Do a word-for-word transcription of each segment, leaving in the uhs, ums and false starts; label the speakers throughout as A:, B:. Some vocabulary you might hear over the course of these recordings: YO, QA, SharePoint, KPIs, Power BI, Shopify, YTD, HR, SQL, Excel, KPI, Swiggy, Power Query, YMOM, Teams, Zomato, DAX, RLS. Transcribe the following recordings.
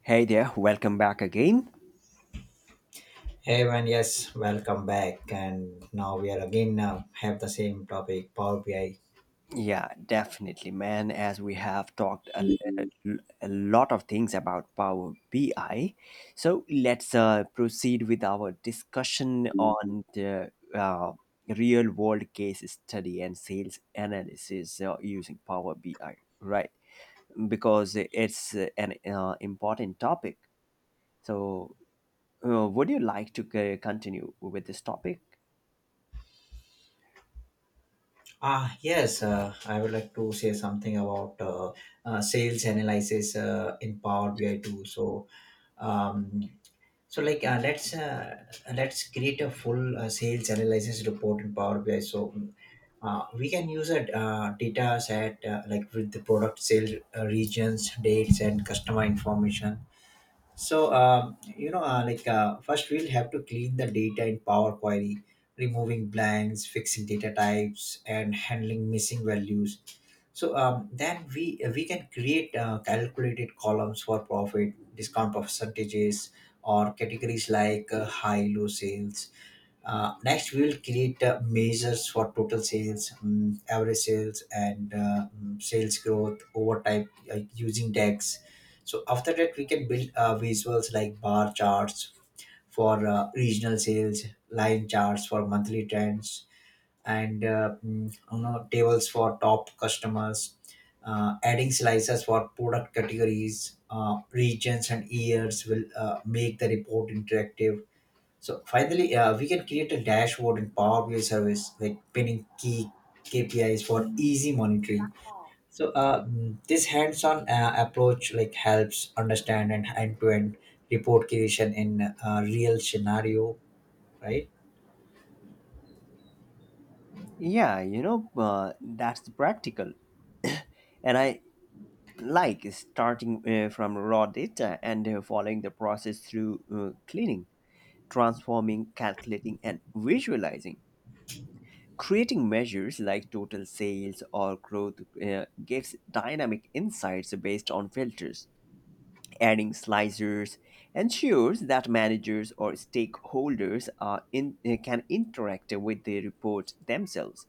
A: Hey there, welcome back again.
B: Hey man, yes, welcome back, and now we are again uh, have the same topic Power B I.
A: Yeah, definitely, man. As we have talked a, a- a lot of things about Power B I, so let's uh, proceed with our discussion on the uh, real world case study and sales analysis uh, using Power B I, right? Because it's uh, an uh, important topic. So, uh, would you like to c- continue with this topic?
B: Ah, yes, uh, I would like to say something about uh, uh, sales analysis uh, in Power B I too. So, um, so like uh, let's uh, let's create a full uh, sales analysis report in Power B I. So. Mm, Uh, we can use a uh, data set uh, like with the product sales, uh, regions, dates, and customer information. So, um, you know, uh, like uh, first we'll have to clean the data in Power Query, removing blanks, fixing data types, and handling missing values. So um, then we we can create uh, calculated columns for profit, discount percentages, or categories like uh, high low sales. Uh, next, we will create uh, measures for total sales, um, average sales, and uh, um, sales growth over time uh, using DAX. So after that, we can build uh, visuals like bar charts for uh, regional sales, line charts for monthly trends, and uh, mm, you know tables for top customers. Uh, adding slices for product categories, uh, regions, and years will uh, make the report interactive. So finally, uh, we can create a dashboard in Power B I service, like pinning key K P Is for easy monitoring. So uh, mm, this hands-on uh, approach like helps understand and end-to-end report creation in uh, real scenario, right?
A: Yeah, you know, uh, that's practical. And I like starting uh, from raw data and uh, following the process through uh, cleaning, transforming, calculating, and visualizing. Creating measures like total sales or growth uh, gives dynamic insights based on filters. Adding slicers ensures that managers or stakeholders are in, uh, can interact with the report themselves.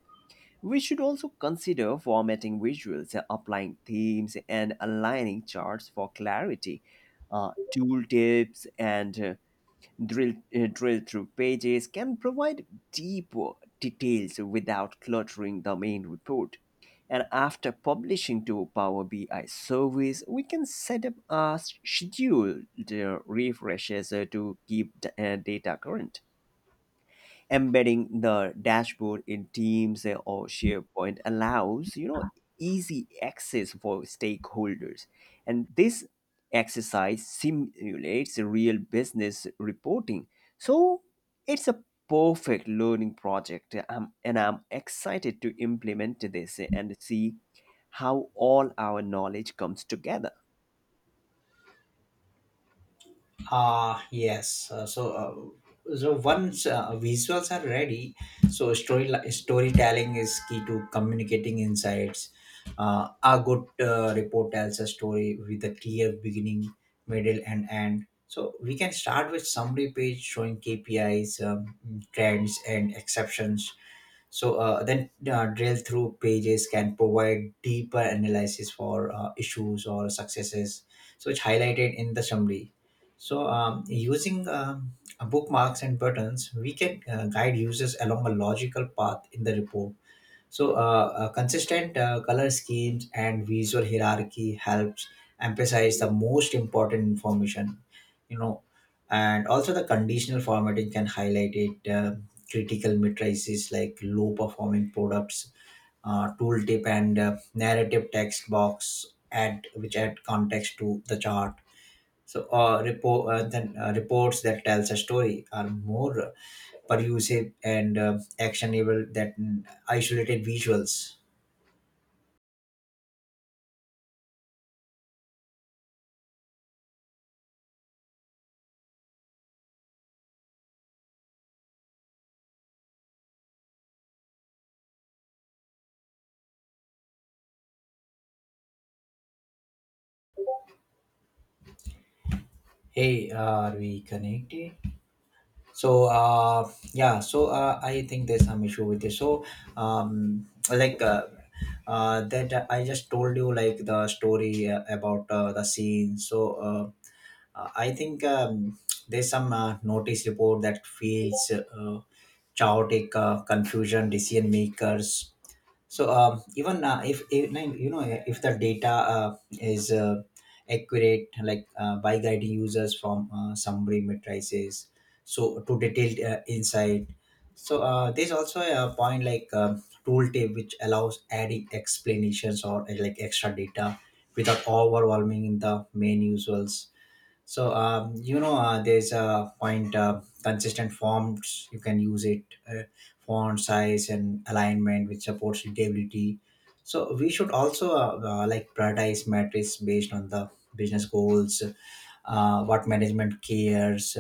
A: We should also consider formatting visuals, uh, applying themes, and aligning charts for clarity. Uh, tooltips and uh, drill, uh, drill through pages can provide deeper details without cluttering the main report. And after publishing to Power B I service, we can set up a scheduled uh, refreshes uh, to keep the, uh, data current, embedding the dashboard in teams or sharepoint allows you know easy access for stakeholders, and this exercise simulates real business reporting, so it's a perfect learning project. Um, and I'm excited to implement this and see how all our knowledge comes together.
B: Ah, yes. Uh, so uh, so once uh, visuals are ready, so story storytelling is key to communicating insights. Uh, a good uh, report tells a story with a clear beginning, middle, and end. So we can start with summary page showing K P Is, um, trends, and exceptions. So uh, then uh, drill through pages can provide deeper analysis for uh, issues or successes, so it's highlighted in the summary. So um, using um, bookmarks and buttons, we can uh, guide users along a logical path in the report. So, uh, uh, consistent uh, color schemes and visual hierarchy helps emphasize the most important information, you know, and also the conditional formatting can highlight it. Uh, critical matrices like low performing products, uh, tooltip, and uh, narrative text box add which add context to the chart. So, uh, report uh, then uh, reports that tells a story are more pervasive and uh, actionable that isolated visuals. Hey, are we connected? So, uh, yeah, so uh, I think there's some issue with this. So, um, like uh, uh, that uh, I just told you, like the story uh, about uh, the scene. So, uh, uh, I think um, there's some uh, notice report that feels uh, chaotic, uh, confusion, decision makers. So um, even uh, if, if no, you know if the data uh, is uh, accurate, like uh, by guiding users from uh, summary matrices, so to detailed uh, insight. So uh, there's also a point like um, tooltip which allows adding explanations or uh, like extra data without overwhelming in the main usuals. So um, you know, uh, there's a point, uh, consistent fonts. You can use it, uh, font size and alignment, which supports readability. So we should also uh, uh, like prioritize metrics based on the business goals, uh, what management cares.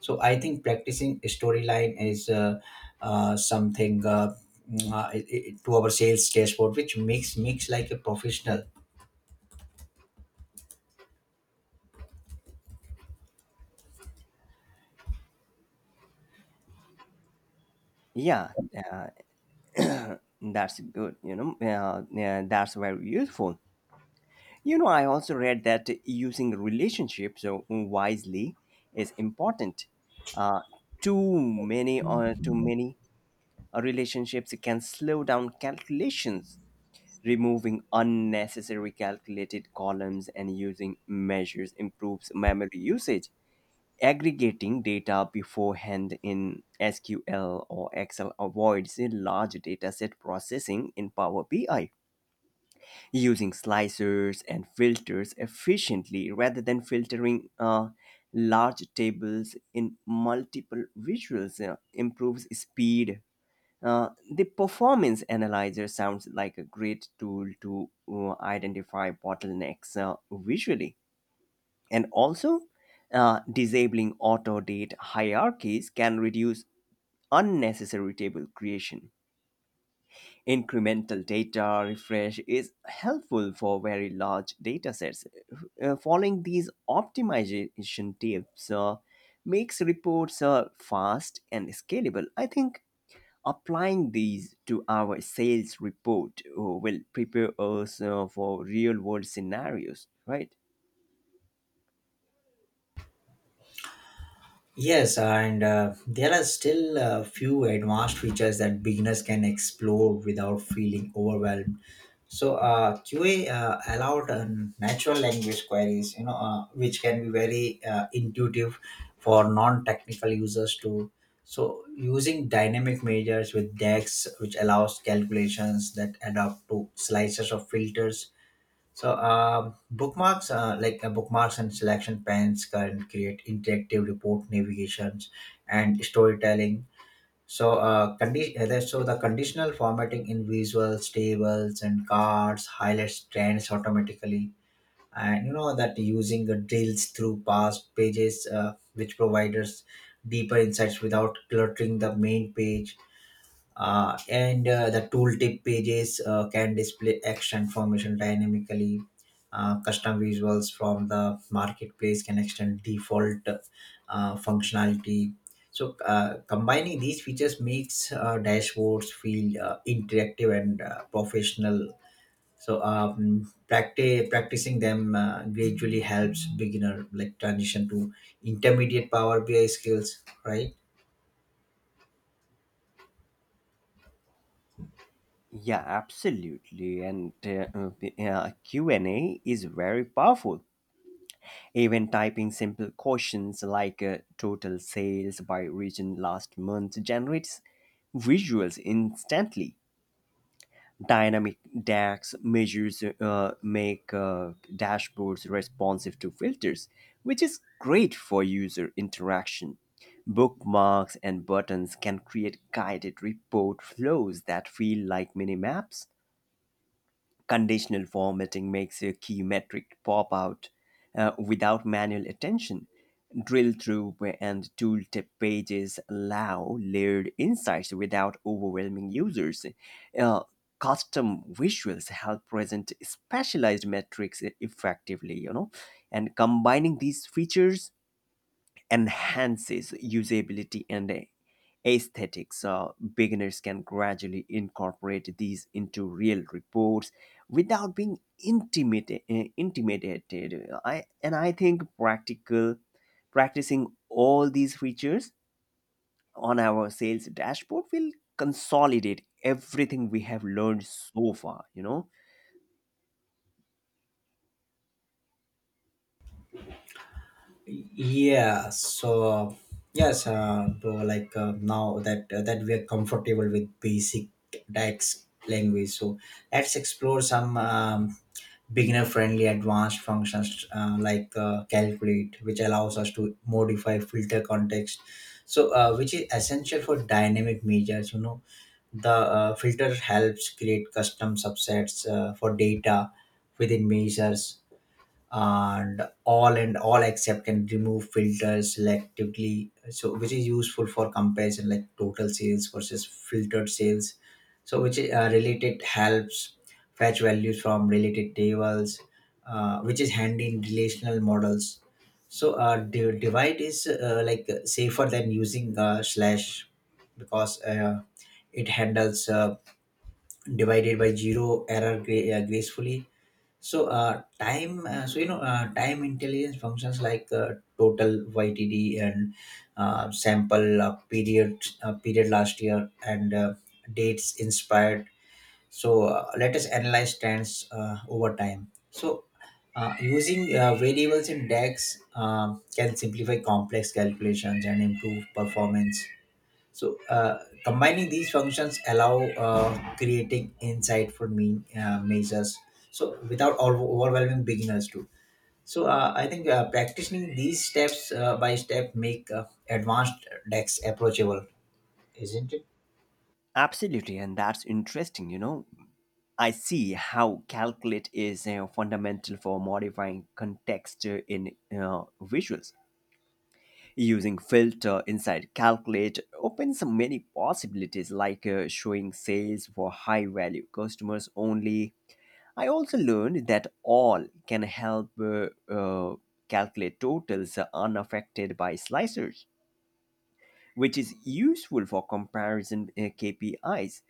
B: So I think practicing storyline is uh, uh, something uh, mm, uh, it- it- to our sales dashboard, which makes makes like a professional.
A: Yeah, uh, that's good, you know. Uh, yeah, that's very useful. You know, I also read that using relationships uh, wisely is important. Uh, too many or Too many uh, relationships can slow down calculations, removing unnecessary calculated columns and using measures improves memory usage. Aggregating data beforehand in S Q L or Excel avoids a large data set processing in Power B I, using slicers and filters efficiently rather than filtering uh, large tables in multiple visuals uh, improves speed. Uh, the performance analyzer sounds like a great tool to uh, identify bottlenecks uh, visually. And also, uh, disabling auto date hierarchies can reduce unnecessary table creation. Incremental data refresh is helpful for very large datasets. Uh, following these optimization tips uh, makes reports uh, fast and scalable. I think applying these to our sales report uh, will prepare us uh, for real world scenarios, right?
B: Yes, and uh, there are still a few advanced features that beginners can explore without feeling overwhelmed. So uh, Q A uh, allowed uh, natural language queries, you know, uh, which can be very uh, intuitive for non-technical users too. So using dynamic measures with DEX, which allows calculations that adapt to slices of filters. So, uh, bookmarks, uh, like uh, bookmarks and selection pans can create interactive report navigations and storytelling. So, uh, condi- uh, there's- so the conditional formatting in visuals, tables, and cards highlights trends automatically. And you know that using the drills through past pages, uh, which provides deeper insights without cluttering the main page, uh, and uh, the tooltip pages uh, can display action information dynamically. Uh, custom visuals from the marketplace can extend default uh, functionality. So uh, combining these features makes uh, dashboards feel uh, interactive and uh, professional. So um, practi- practicing them uh, gradually helps beginner like transition to intermediate Power BI skills, right?
A: Yeah, absolutely. And uh, uh, Q and A is very powerful. Even typing simple questions like uh, total sales by region last month generates visuals instantly. Dynamic D A X measures uh, make uh, dashboards responsive to filters, which is great for user interaction. Bookmarks and buttons can create guided report flows that feel like mini maps. Conditional formatting makes a key metric pop out uh, without manual attention. Drill through and tooltip pages allow layered insights without overwhelming users. Uh, Custom visuals help present specialized metrics effectively, you know, and combining these features enhances usability and a- aesthetics. Uh, beginners can gradually incorporate these into real reports without being intimidated. intimidated. I, and I think practical practicing all these features on our sales dashboard will consolidate everything we have learned so far, you know.
B: yeah so yes uh, Bro, like uh, now that uh, that we are comfortable with basic DAX language, so let's explore some um, beginner friendly advanced functions uh, like uh, calculate, which allows us to modify filter context, so uh, which is essential for dynamic measures, you know. The uh, Filter helps create custom subsets uh, for data within measures, and all and all except can remove filters selectively, so which is useful for comparison like total sales versus filtered sales. So which uh, Related helps fetch values from related tables, uh, which is handy in relational models. So uh, di- divide is uh, like safer than using uh, slash because uh, it handles uh, divided by zero error gra- uh, gracefully. So, uh, time, uh, so you know, uh, Time intelligence functions like uh, total Y T D and uh, sample uh, period uh, period last year and uh, dates inspired. So, uh, let us analyze trends uh, over time. So, uh, using uh, variables in DAX um can simplify complex calculations and improve performance. So uh, Combining these functions allow uh, creating insightful mean, uh, measures, so without over- overwhelming beginners too. So uh, I think uh, practicing these steps uh, by step make uh, advanced decks approachable, isn't it?
A: Absolutely, and that's interesting, you know. I see how calculate is uh, fundamental for modifying context uh, in uh, visuals. Using filter inside calculate opens many possibilities like uh, showing sales for high value customers only. I also learned that all can help uh, uh, calculate totals unaffected by slicers, which is useful for comparison uh, K P Is.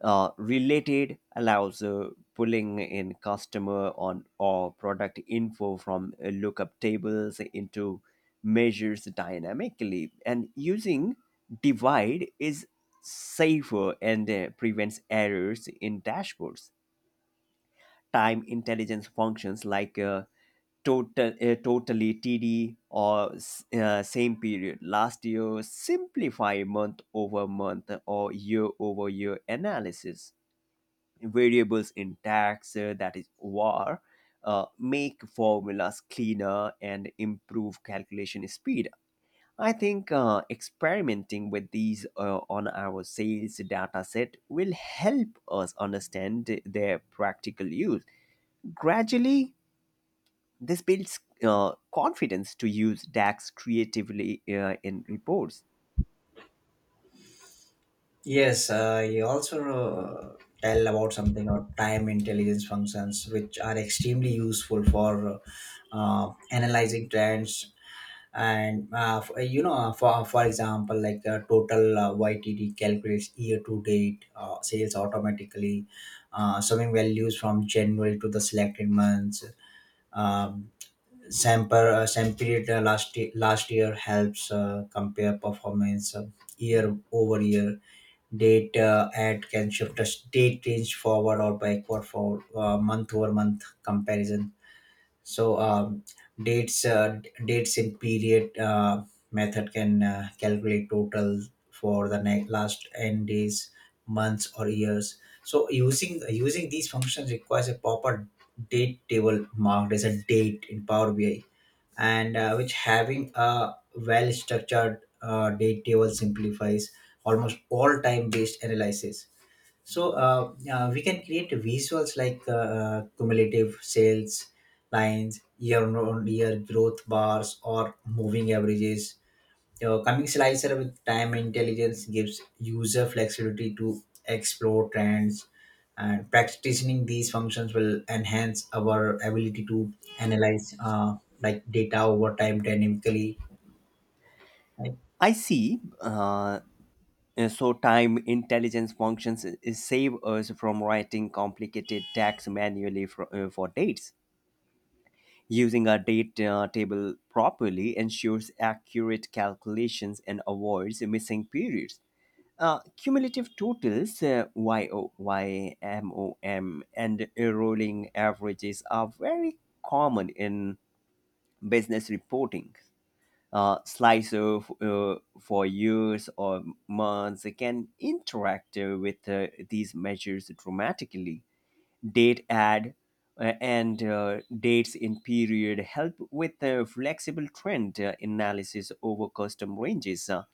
A: Uh, related allows uh, pulling in customer on or product info from uh, lookup tables into measures dynamically, and using divide is safer and uh, prevents errors in dashboards. Time intelligence functions like uh, total uh, totally td or s- uh, same period last year simplify month over month or year over year analysis. Variables in tax uh, that is var uh, make formulas cleaner and improve calculation speed. I think uh, experimenting with these uh, on our sales data set will help us understand their practical use. Gradually, this builds uh, confidence to use D A X creatively uh, in reports.
B: Yes, uh, you also uh, tell about something about time intelligence functions, which are extremely useful for uh, uh, analyzing trends. And uh, f- uh, you know uh, for for example, like uh, total uh, YTD calculates year to date uh, sales automatically, uh, summing values from January to the selected months. um, Sample, uh, same period uh, last ye- last year helps uh, compare performance uh, year over year. Data at can shift a state range forward or backward for uh, month over month comparison. so um, dates uh, Dates in period uh, method can uh, calculate total for the ne- last n days, months, or years. So using using these functions requires a proper date table marked as a date in Power BI, and uh, which having a well structured uh, date table simplifies almost all time based analysis. So uh, uh, we can create visuals like uh, uh, cumulative sales lines, year on year growth bars, or moving averages. Your coming slicer with time intelligence gives user flexibility to explore trends, and practicing these functions will enhance our ability to analyze uh, like data over time dynamically. Right?
A: I see. Uh, uh, so time intelligence functions i- is save us from writing complicated D A X manually for, uh, for dates. Using a date uh, table properly ensures accurate calculations and avoids missing periods. Uh, cumulative totals, uh, Y O, Y M O M, and uh, rolling averages are very common in business reporting. Uh, slicer of uh, for years or months can interact uh, with uh, these measures dramatically. Date add uh, and uh, dates in period help with uh, flexible trend uh, analysis over custom ranges. uh,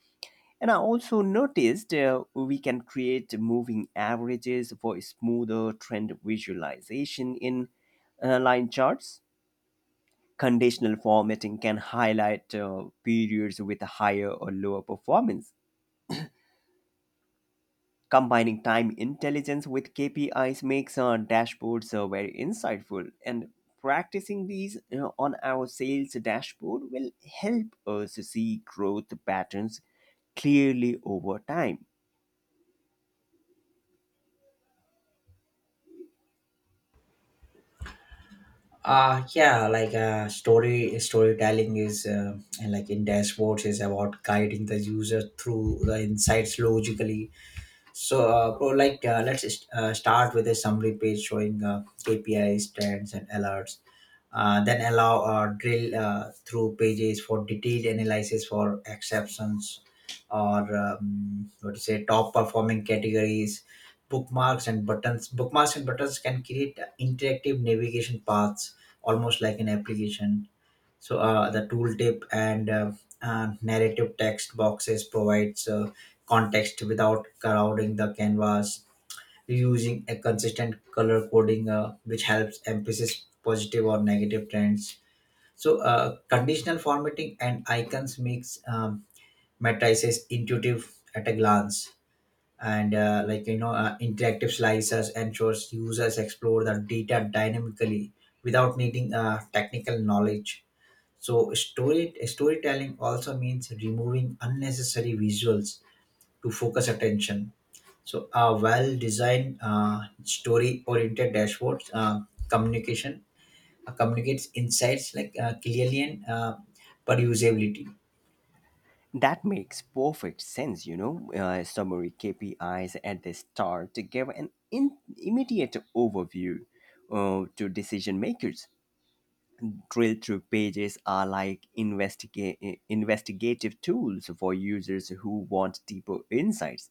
A: And I also noticed uh, we can create moving averages for smoother trend visualization in uh, line charts. Conditional formatting can highlight uh, periods with higher or lower performance. Combining time intelligence with K P Is makes our dashboards uh, very insightful, and practicing these uh, on our sales dashboard will help us see growth patterns clearly over time.
B: Uh, yeah, like uh, story storytelling is, uh, and like in dashboards, is about guiding the user through the insights logically. So, uh, bro, like, uh, let's just, uh, start with a summary page showing uh, K P Is, trends, and alerts. Uh, then allow uh, drill uh, through pages for detailed analysis for exceptions or um, what to say top performing categories. bookmarks and buttons. Bookmarks and buttons can create interactive navigation paths, almost like an application. So uh, the tooltip and uh, uh, narrative text boxes provides uh, context without crowding the canvas. Using a consistent color coding, uh, which helps emphasis positive or negative trends. So uh, conditional formatting and icons makes um, matrices intuitive at a glance. And uh, like you know, uh, interactive slicers ensures users explore the data dynamically without needing uh, technical knowledge. So story storytelling also means removing unnecessary visuals to focus attention. So a well-designed uh, story-oriented dashboard uh, communication uh, communicates insights like uh, clearly and uh, perusability.
A: That makes perfect sense, you know. Uh, summary K P Is at the start to give an in- immediate overview uh, to decision makers. Drill through pages are like investiga- investigative tools for users who want deeper insights.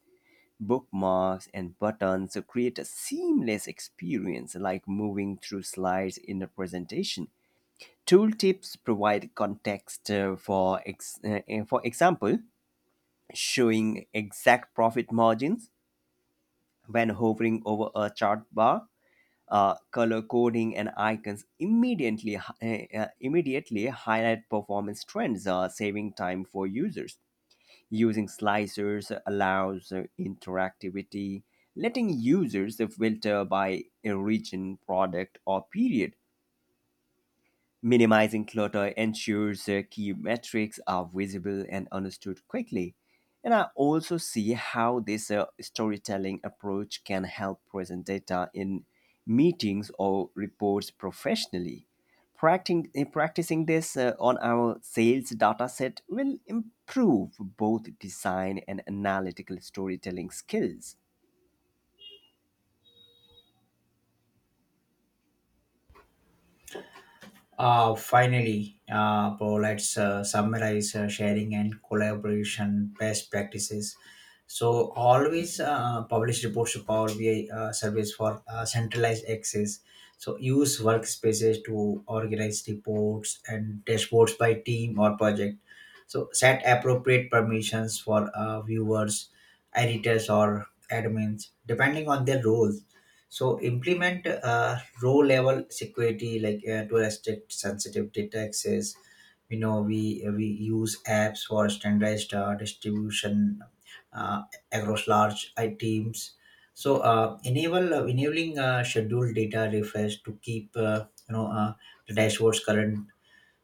A: Bookmarks and buttons create a seamless experience like moving through slides in a presentation. Tooltips provide context uh, for ex- uh, for example, showing exact profit margins when hovering over a chart bar. Uh, color coding and icons immediately hi- uh, immediately highlight performance trends, uh, saving time for users. Using slicers allows uh, interactivity, letting users filter by a region, product, or period. Minimizing clutter ensures uh, key metrics are visible and understood quickly. And I also see how this uh, storytelling approach can help present data in meetings or reports professionally. Practicing, eh, practicing this uh, on our sales dataset will improve both design and analytical storytelling skills.
B: Uh, finally, uh, bro, let's uh, summarize uh, sharing and collaboration best practices. So, always uh, publish reports to Power B I uh, service for uh, centralized access. So, use workspaces to organize reports and dashboards by team or project. So, set appropriate permissions for uh, viewers, editors, or admins depending on their role. So implement uh, row level security like uh, to restrict sensitive data access. You know we we use apps for standardized uh, distribution uh, across large I teams. So uh, enable uh, Enabling uh, scheduled data refresh to keep, uh, you know uh, the dashboard's current.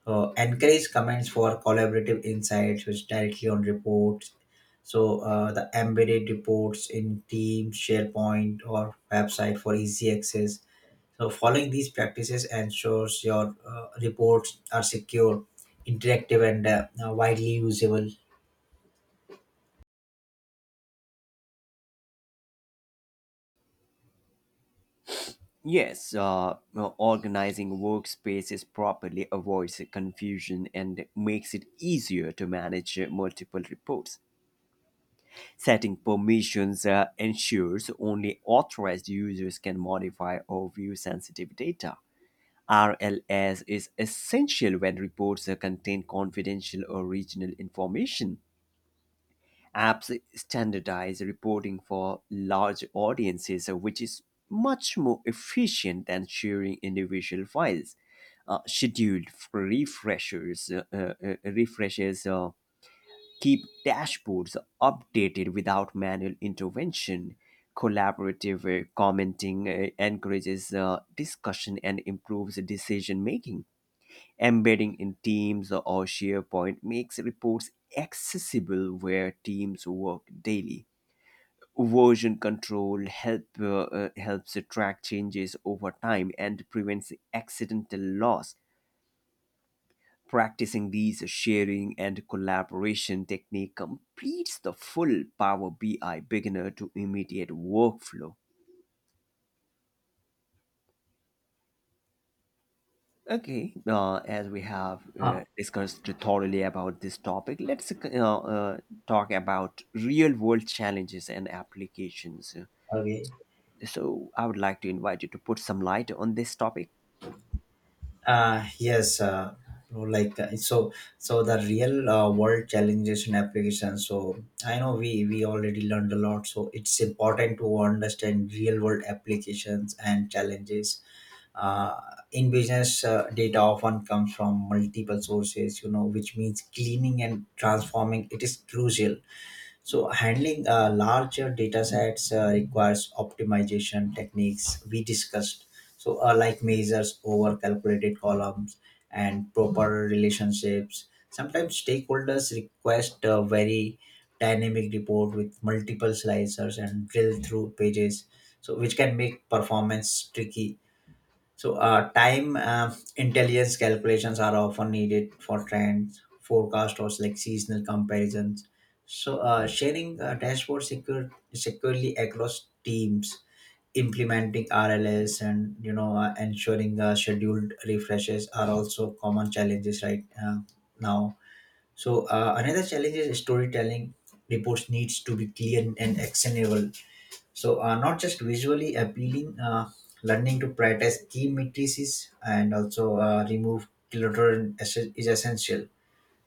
B: uh, Encourage comments for collaborative insights which directly on reports. So uh, the embedded reports in Teams, SharePoint, or website for easy access. So following these practices ensures your uh, reports are secure, interactive, and uh, widely usable.
A: Yes, uh, well, organizing workspaces properly avoids confusion and makes it easier to manage uh, multiple reports. Setting permissions uh, ensures only authorized users can modify or view sensitive data. R L S is essential when reports uh, contain confidential or regional information. Apps standardize reporting for large audiences, uh, which is much more efficient than sharing individual files. Uh, scheduled refreshers, uh, uh, uh, refreshes uh, keep dashboards updated without manual intervention. Collaborative uh, commenting uh, encourages uh, discussion and improves decision making. Embedding in Teams or SharePoint makes reports accessible where teams work daily. Version control help, uh, uh, helps track changes over time and prevents accidental loss. Practicing these sharing and collaboration technique completes the full Power B I beginner to immediate workflow. Okay, uh, as we have
B: ah,
A: uh, discussed thoroughly about this topic, let's uh, uh, talk about real world challenges and applications.
B: okay.
A: So, I would like to invite you to put some light on this topic.
B: Uh, yes, uh, you know, like uh, so, so The real uh, world challenges and applications. So I know we we already learned a lot, so it's important to understand real world applications and challenges. Uh, in business, uh, data often comes from multiple sources, you know, which means cleaning and transforming it is crucial. So handling uh, larger data sets uh, requires optimization techniques we discussed. So uh, like measures over calculated columns and proper relationships. Sometimes stakeholders request a very dynamic report with multiple slicers and drill through pages. So which can make performance tricky. So, uh, time uh, intelligence calculations are often needed for trends, forecast, or like seasonal comparisons. So, uh, sharing uh, dashboard secure, securely across teams, implementing R L S, and you know uh, ensuring uh, scheduled refreshes are also common challenges right uh, now. So, uh, another challenge is storytelling. Reports needs to be clear and actionable, so, uh, not just visually appealing. Uh, learning to prioritize key matrices and also uh, remove clutter is is essential.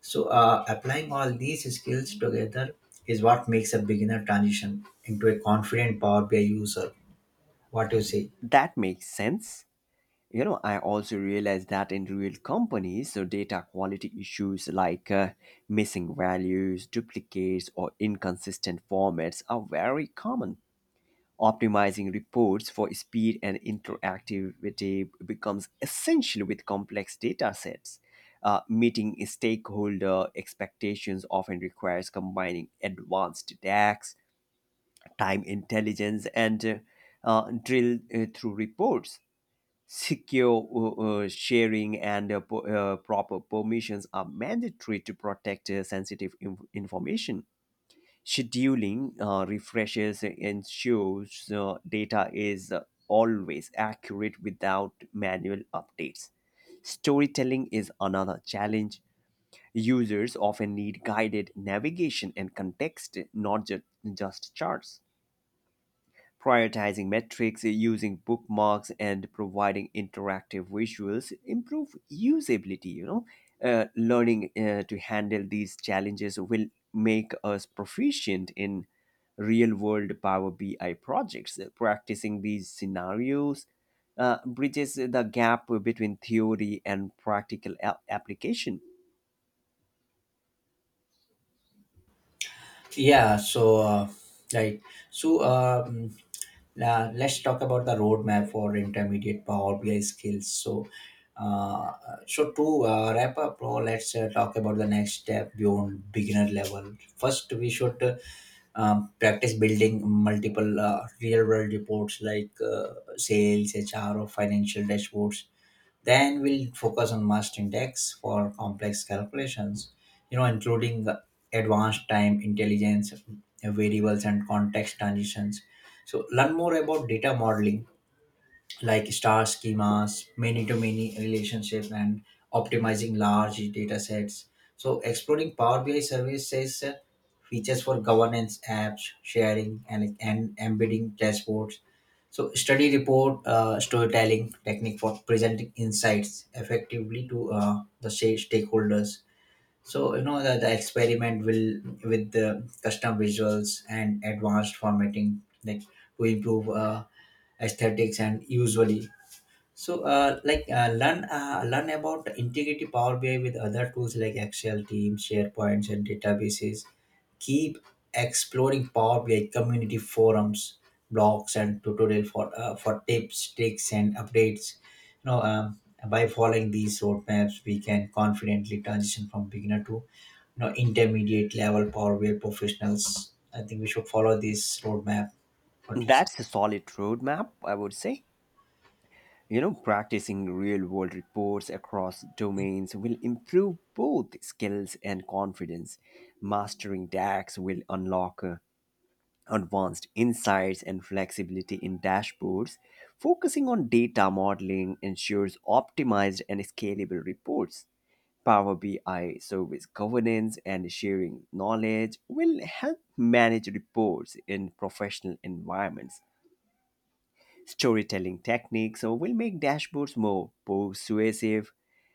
B: So, uh, applying all these skills together is what makes a beginner transition into a confident Power B I user. What do you say?
A: That makes sense. You know, I also realize that in real companies, so data quality issues like uh, missing values, duplicates, or inconsistent formats are very common. Optimizing reports for speed and interactivity becomes essential with complex data sets. Uh, meeting stakeholder expectations often requires combining advanced D A X, time intelligence, and uh, uh, drill uh, through reports. Secure uh, uh, sharing and uh, po- uh, proper permissions are mandatory to protect uh, sensitive inf- information. Scheduling uh, refreshes and ensures uh, data is uh, always accurate without manual updates. Storytelling is another challenge. Users often need guided navigation and context, not ju- just charts. Prioritizing metrics, using bookmarks, and providing interactive visuals improve usability. You know, uh, learning uh, to handle these challenges will make us proficient in real-world Power B I projects. Practicing these scenarios uh, bridges the gap between theory and practical a- application.
B: Yeah, so uh, right. So um, Now let's talk about the roadmap for intermediate Power B I skills. So, uh, so to uh, wrap up, bro, let's uh, talk about the next step beyond beginner level. First, we should uh, um, practice building multiple uh, real-world reports like uh, sales, H R, or financial dashboards. Then we'll focus on must index for complex calculations, you know, including advanced time intelligence, variables, and context transitions. So learn more about data modeling like star schemas, many to many relationship, and optimizing large data sets. So, exploring Power B I services uh, features for governance apps, sharing, and, and embedding dashboards. So, study report uh, storytelling technique for presenting insights effectively to uh, the sa- stakeholders. So you know that the experiment will with the custom visuals and advanced formatting like to improve uh, aesthetics and usually. So, uh, like, uh, learn uh, learn about integrity Power B I with other tools like Excel, Teams, SharePoints, and databases. Keep exploring Power B I community forums, blogs, and tutorial for uh, for tips, tricks, and updates. You know, um, by following these roadmaps, we can confidently transition from beginner to you know intermediate level Power B I professionals. I think we should follow this roadmap. What do you say?
A: That's a solid roadmap, I would say. You know, practicing real world reports across domains will improve both skills and confidence. Mastering D A X will unlock uh, advanced insights and flexibility in dashboards. Focusing on data modeling ensures optimized and scalable reports. Power B I service governance and sharing knowledge will help manage reports in professional environments. Storytelling techniques uh, will make dashboards more persuasive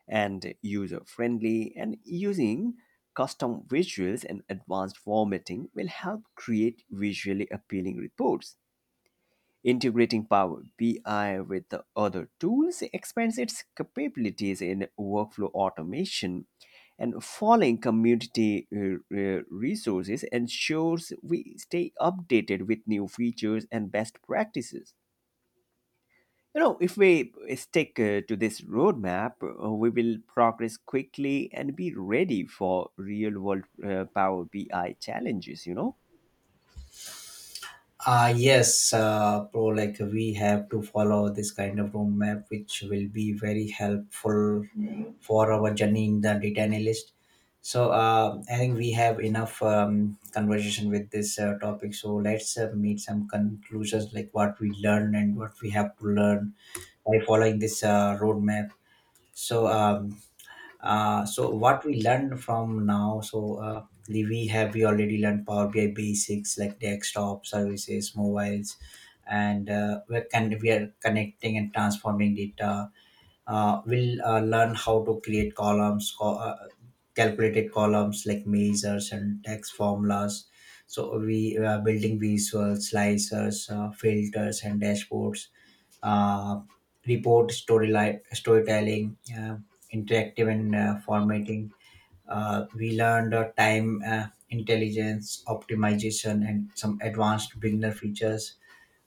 A: and user friendly, and using custom visuals and advanced formatting will help create visually appealing reports. Integrating Power B I with the other tools expands its capabilities in workflow automation, and following community uh, uh, resources ensures we stay updated with new features and best practices. You know, if we stick uh, to this roadmap, uh, we will progress quickly and be ready for real world uh, Power B I challenges, you know?
B: Uh, yes, uh, bro, like we have to follow this kind of road map, which will be very helpful for our journey in the data analyst. So, uh, I think we have enough um, conversation with this uh, topic. So, let's uh, meet some conclusions like what we learned and what we have to learn by following this uh, roadmap. So, um, uh, so what we learned from now. So uh, we have we already learned Power B I basics like desktop services, mobiles, and uh, we can we are connecting and transforming data. Uh, we'll uh, learn how to create columns, co- uh, calculated columns like measures and text formulas. So we are building visuals, slicers, uh, filters, and dashboards. uh, Report storyline storytelling, uh, interactive and uh, formatting. Uh, we learned uh, time uh, intelligence optimization and some advanced beginner features.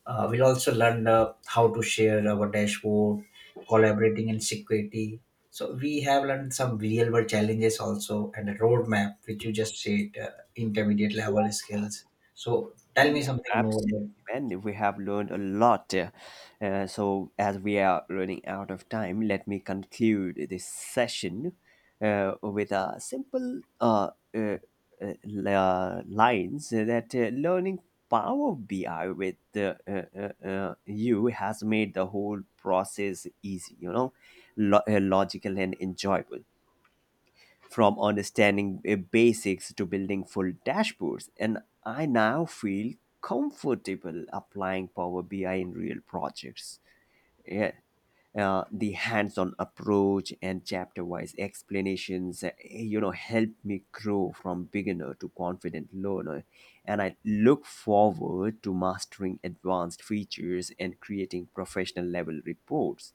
B: uh, We'll also learn uh, how to share our dashboard, collaborating and security. So we have learned some real world challenges also, and a roadmap which you just said, uh, intermediate level skills. So tell me something more.
A: Absolutely, man. We have learned a lot. Uh, uh, so, as we are running out of time, let me conclude this session uh, with a simple uh, uh, uh, li- uh, lines that uh, learning Power B I with uh, uh, uh, uh, you has made the whole process easy, you know, lo- uh, logical and enjoyable, from understanding uh, basics to building full dashboards. And I now feel comfortable applying Power B I in real projects. Yeah. Uh, the hands-on approach and chapter-wise explanations uh, you know, help me grow from beginner to confident learner, and I look forward to mastering advanced features and creating professional level reports.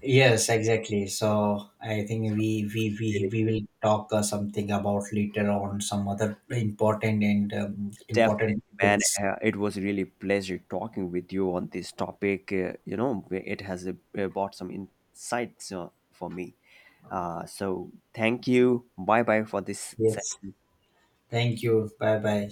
B: Yes, exactly. So I think we we we, we will talk uh, something about later on some other important and um,
A: Definitely,
B: important
A: man.
B: books.
A: Uh, it was really pleasure talking with you on this topic. Uh, you know, it has uh, uh, brought some insights uh, for me. Uh, so thank you. Bye bye for this session.
B: Yes. Thank you. Bye bye.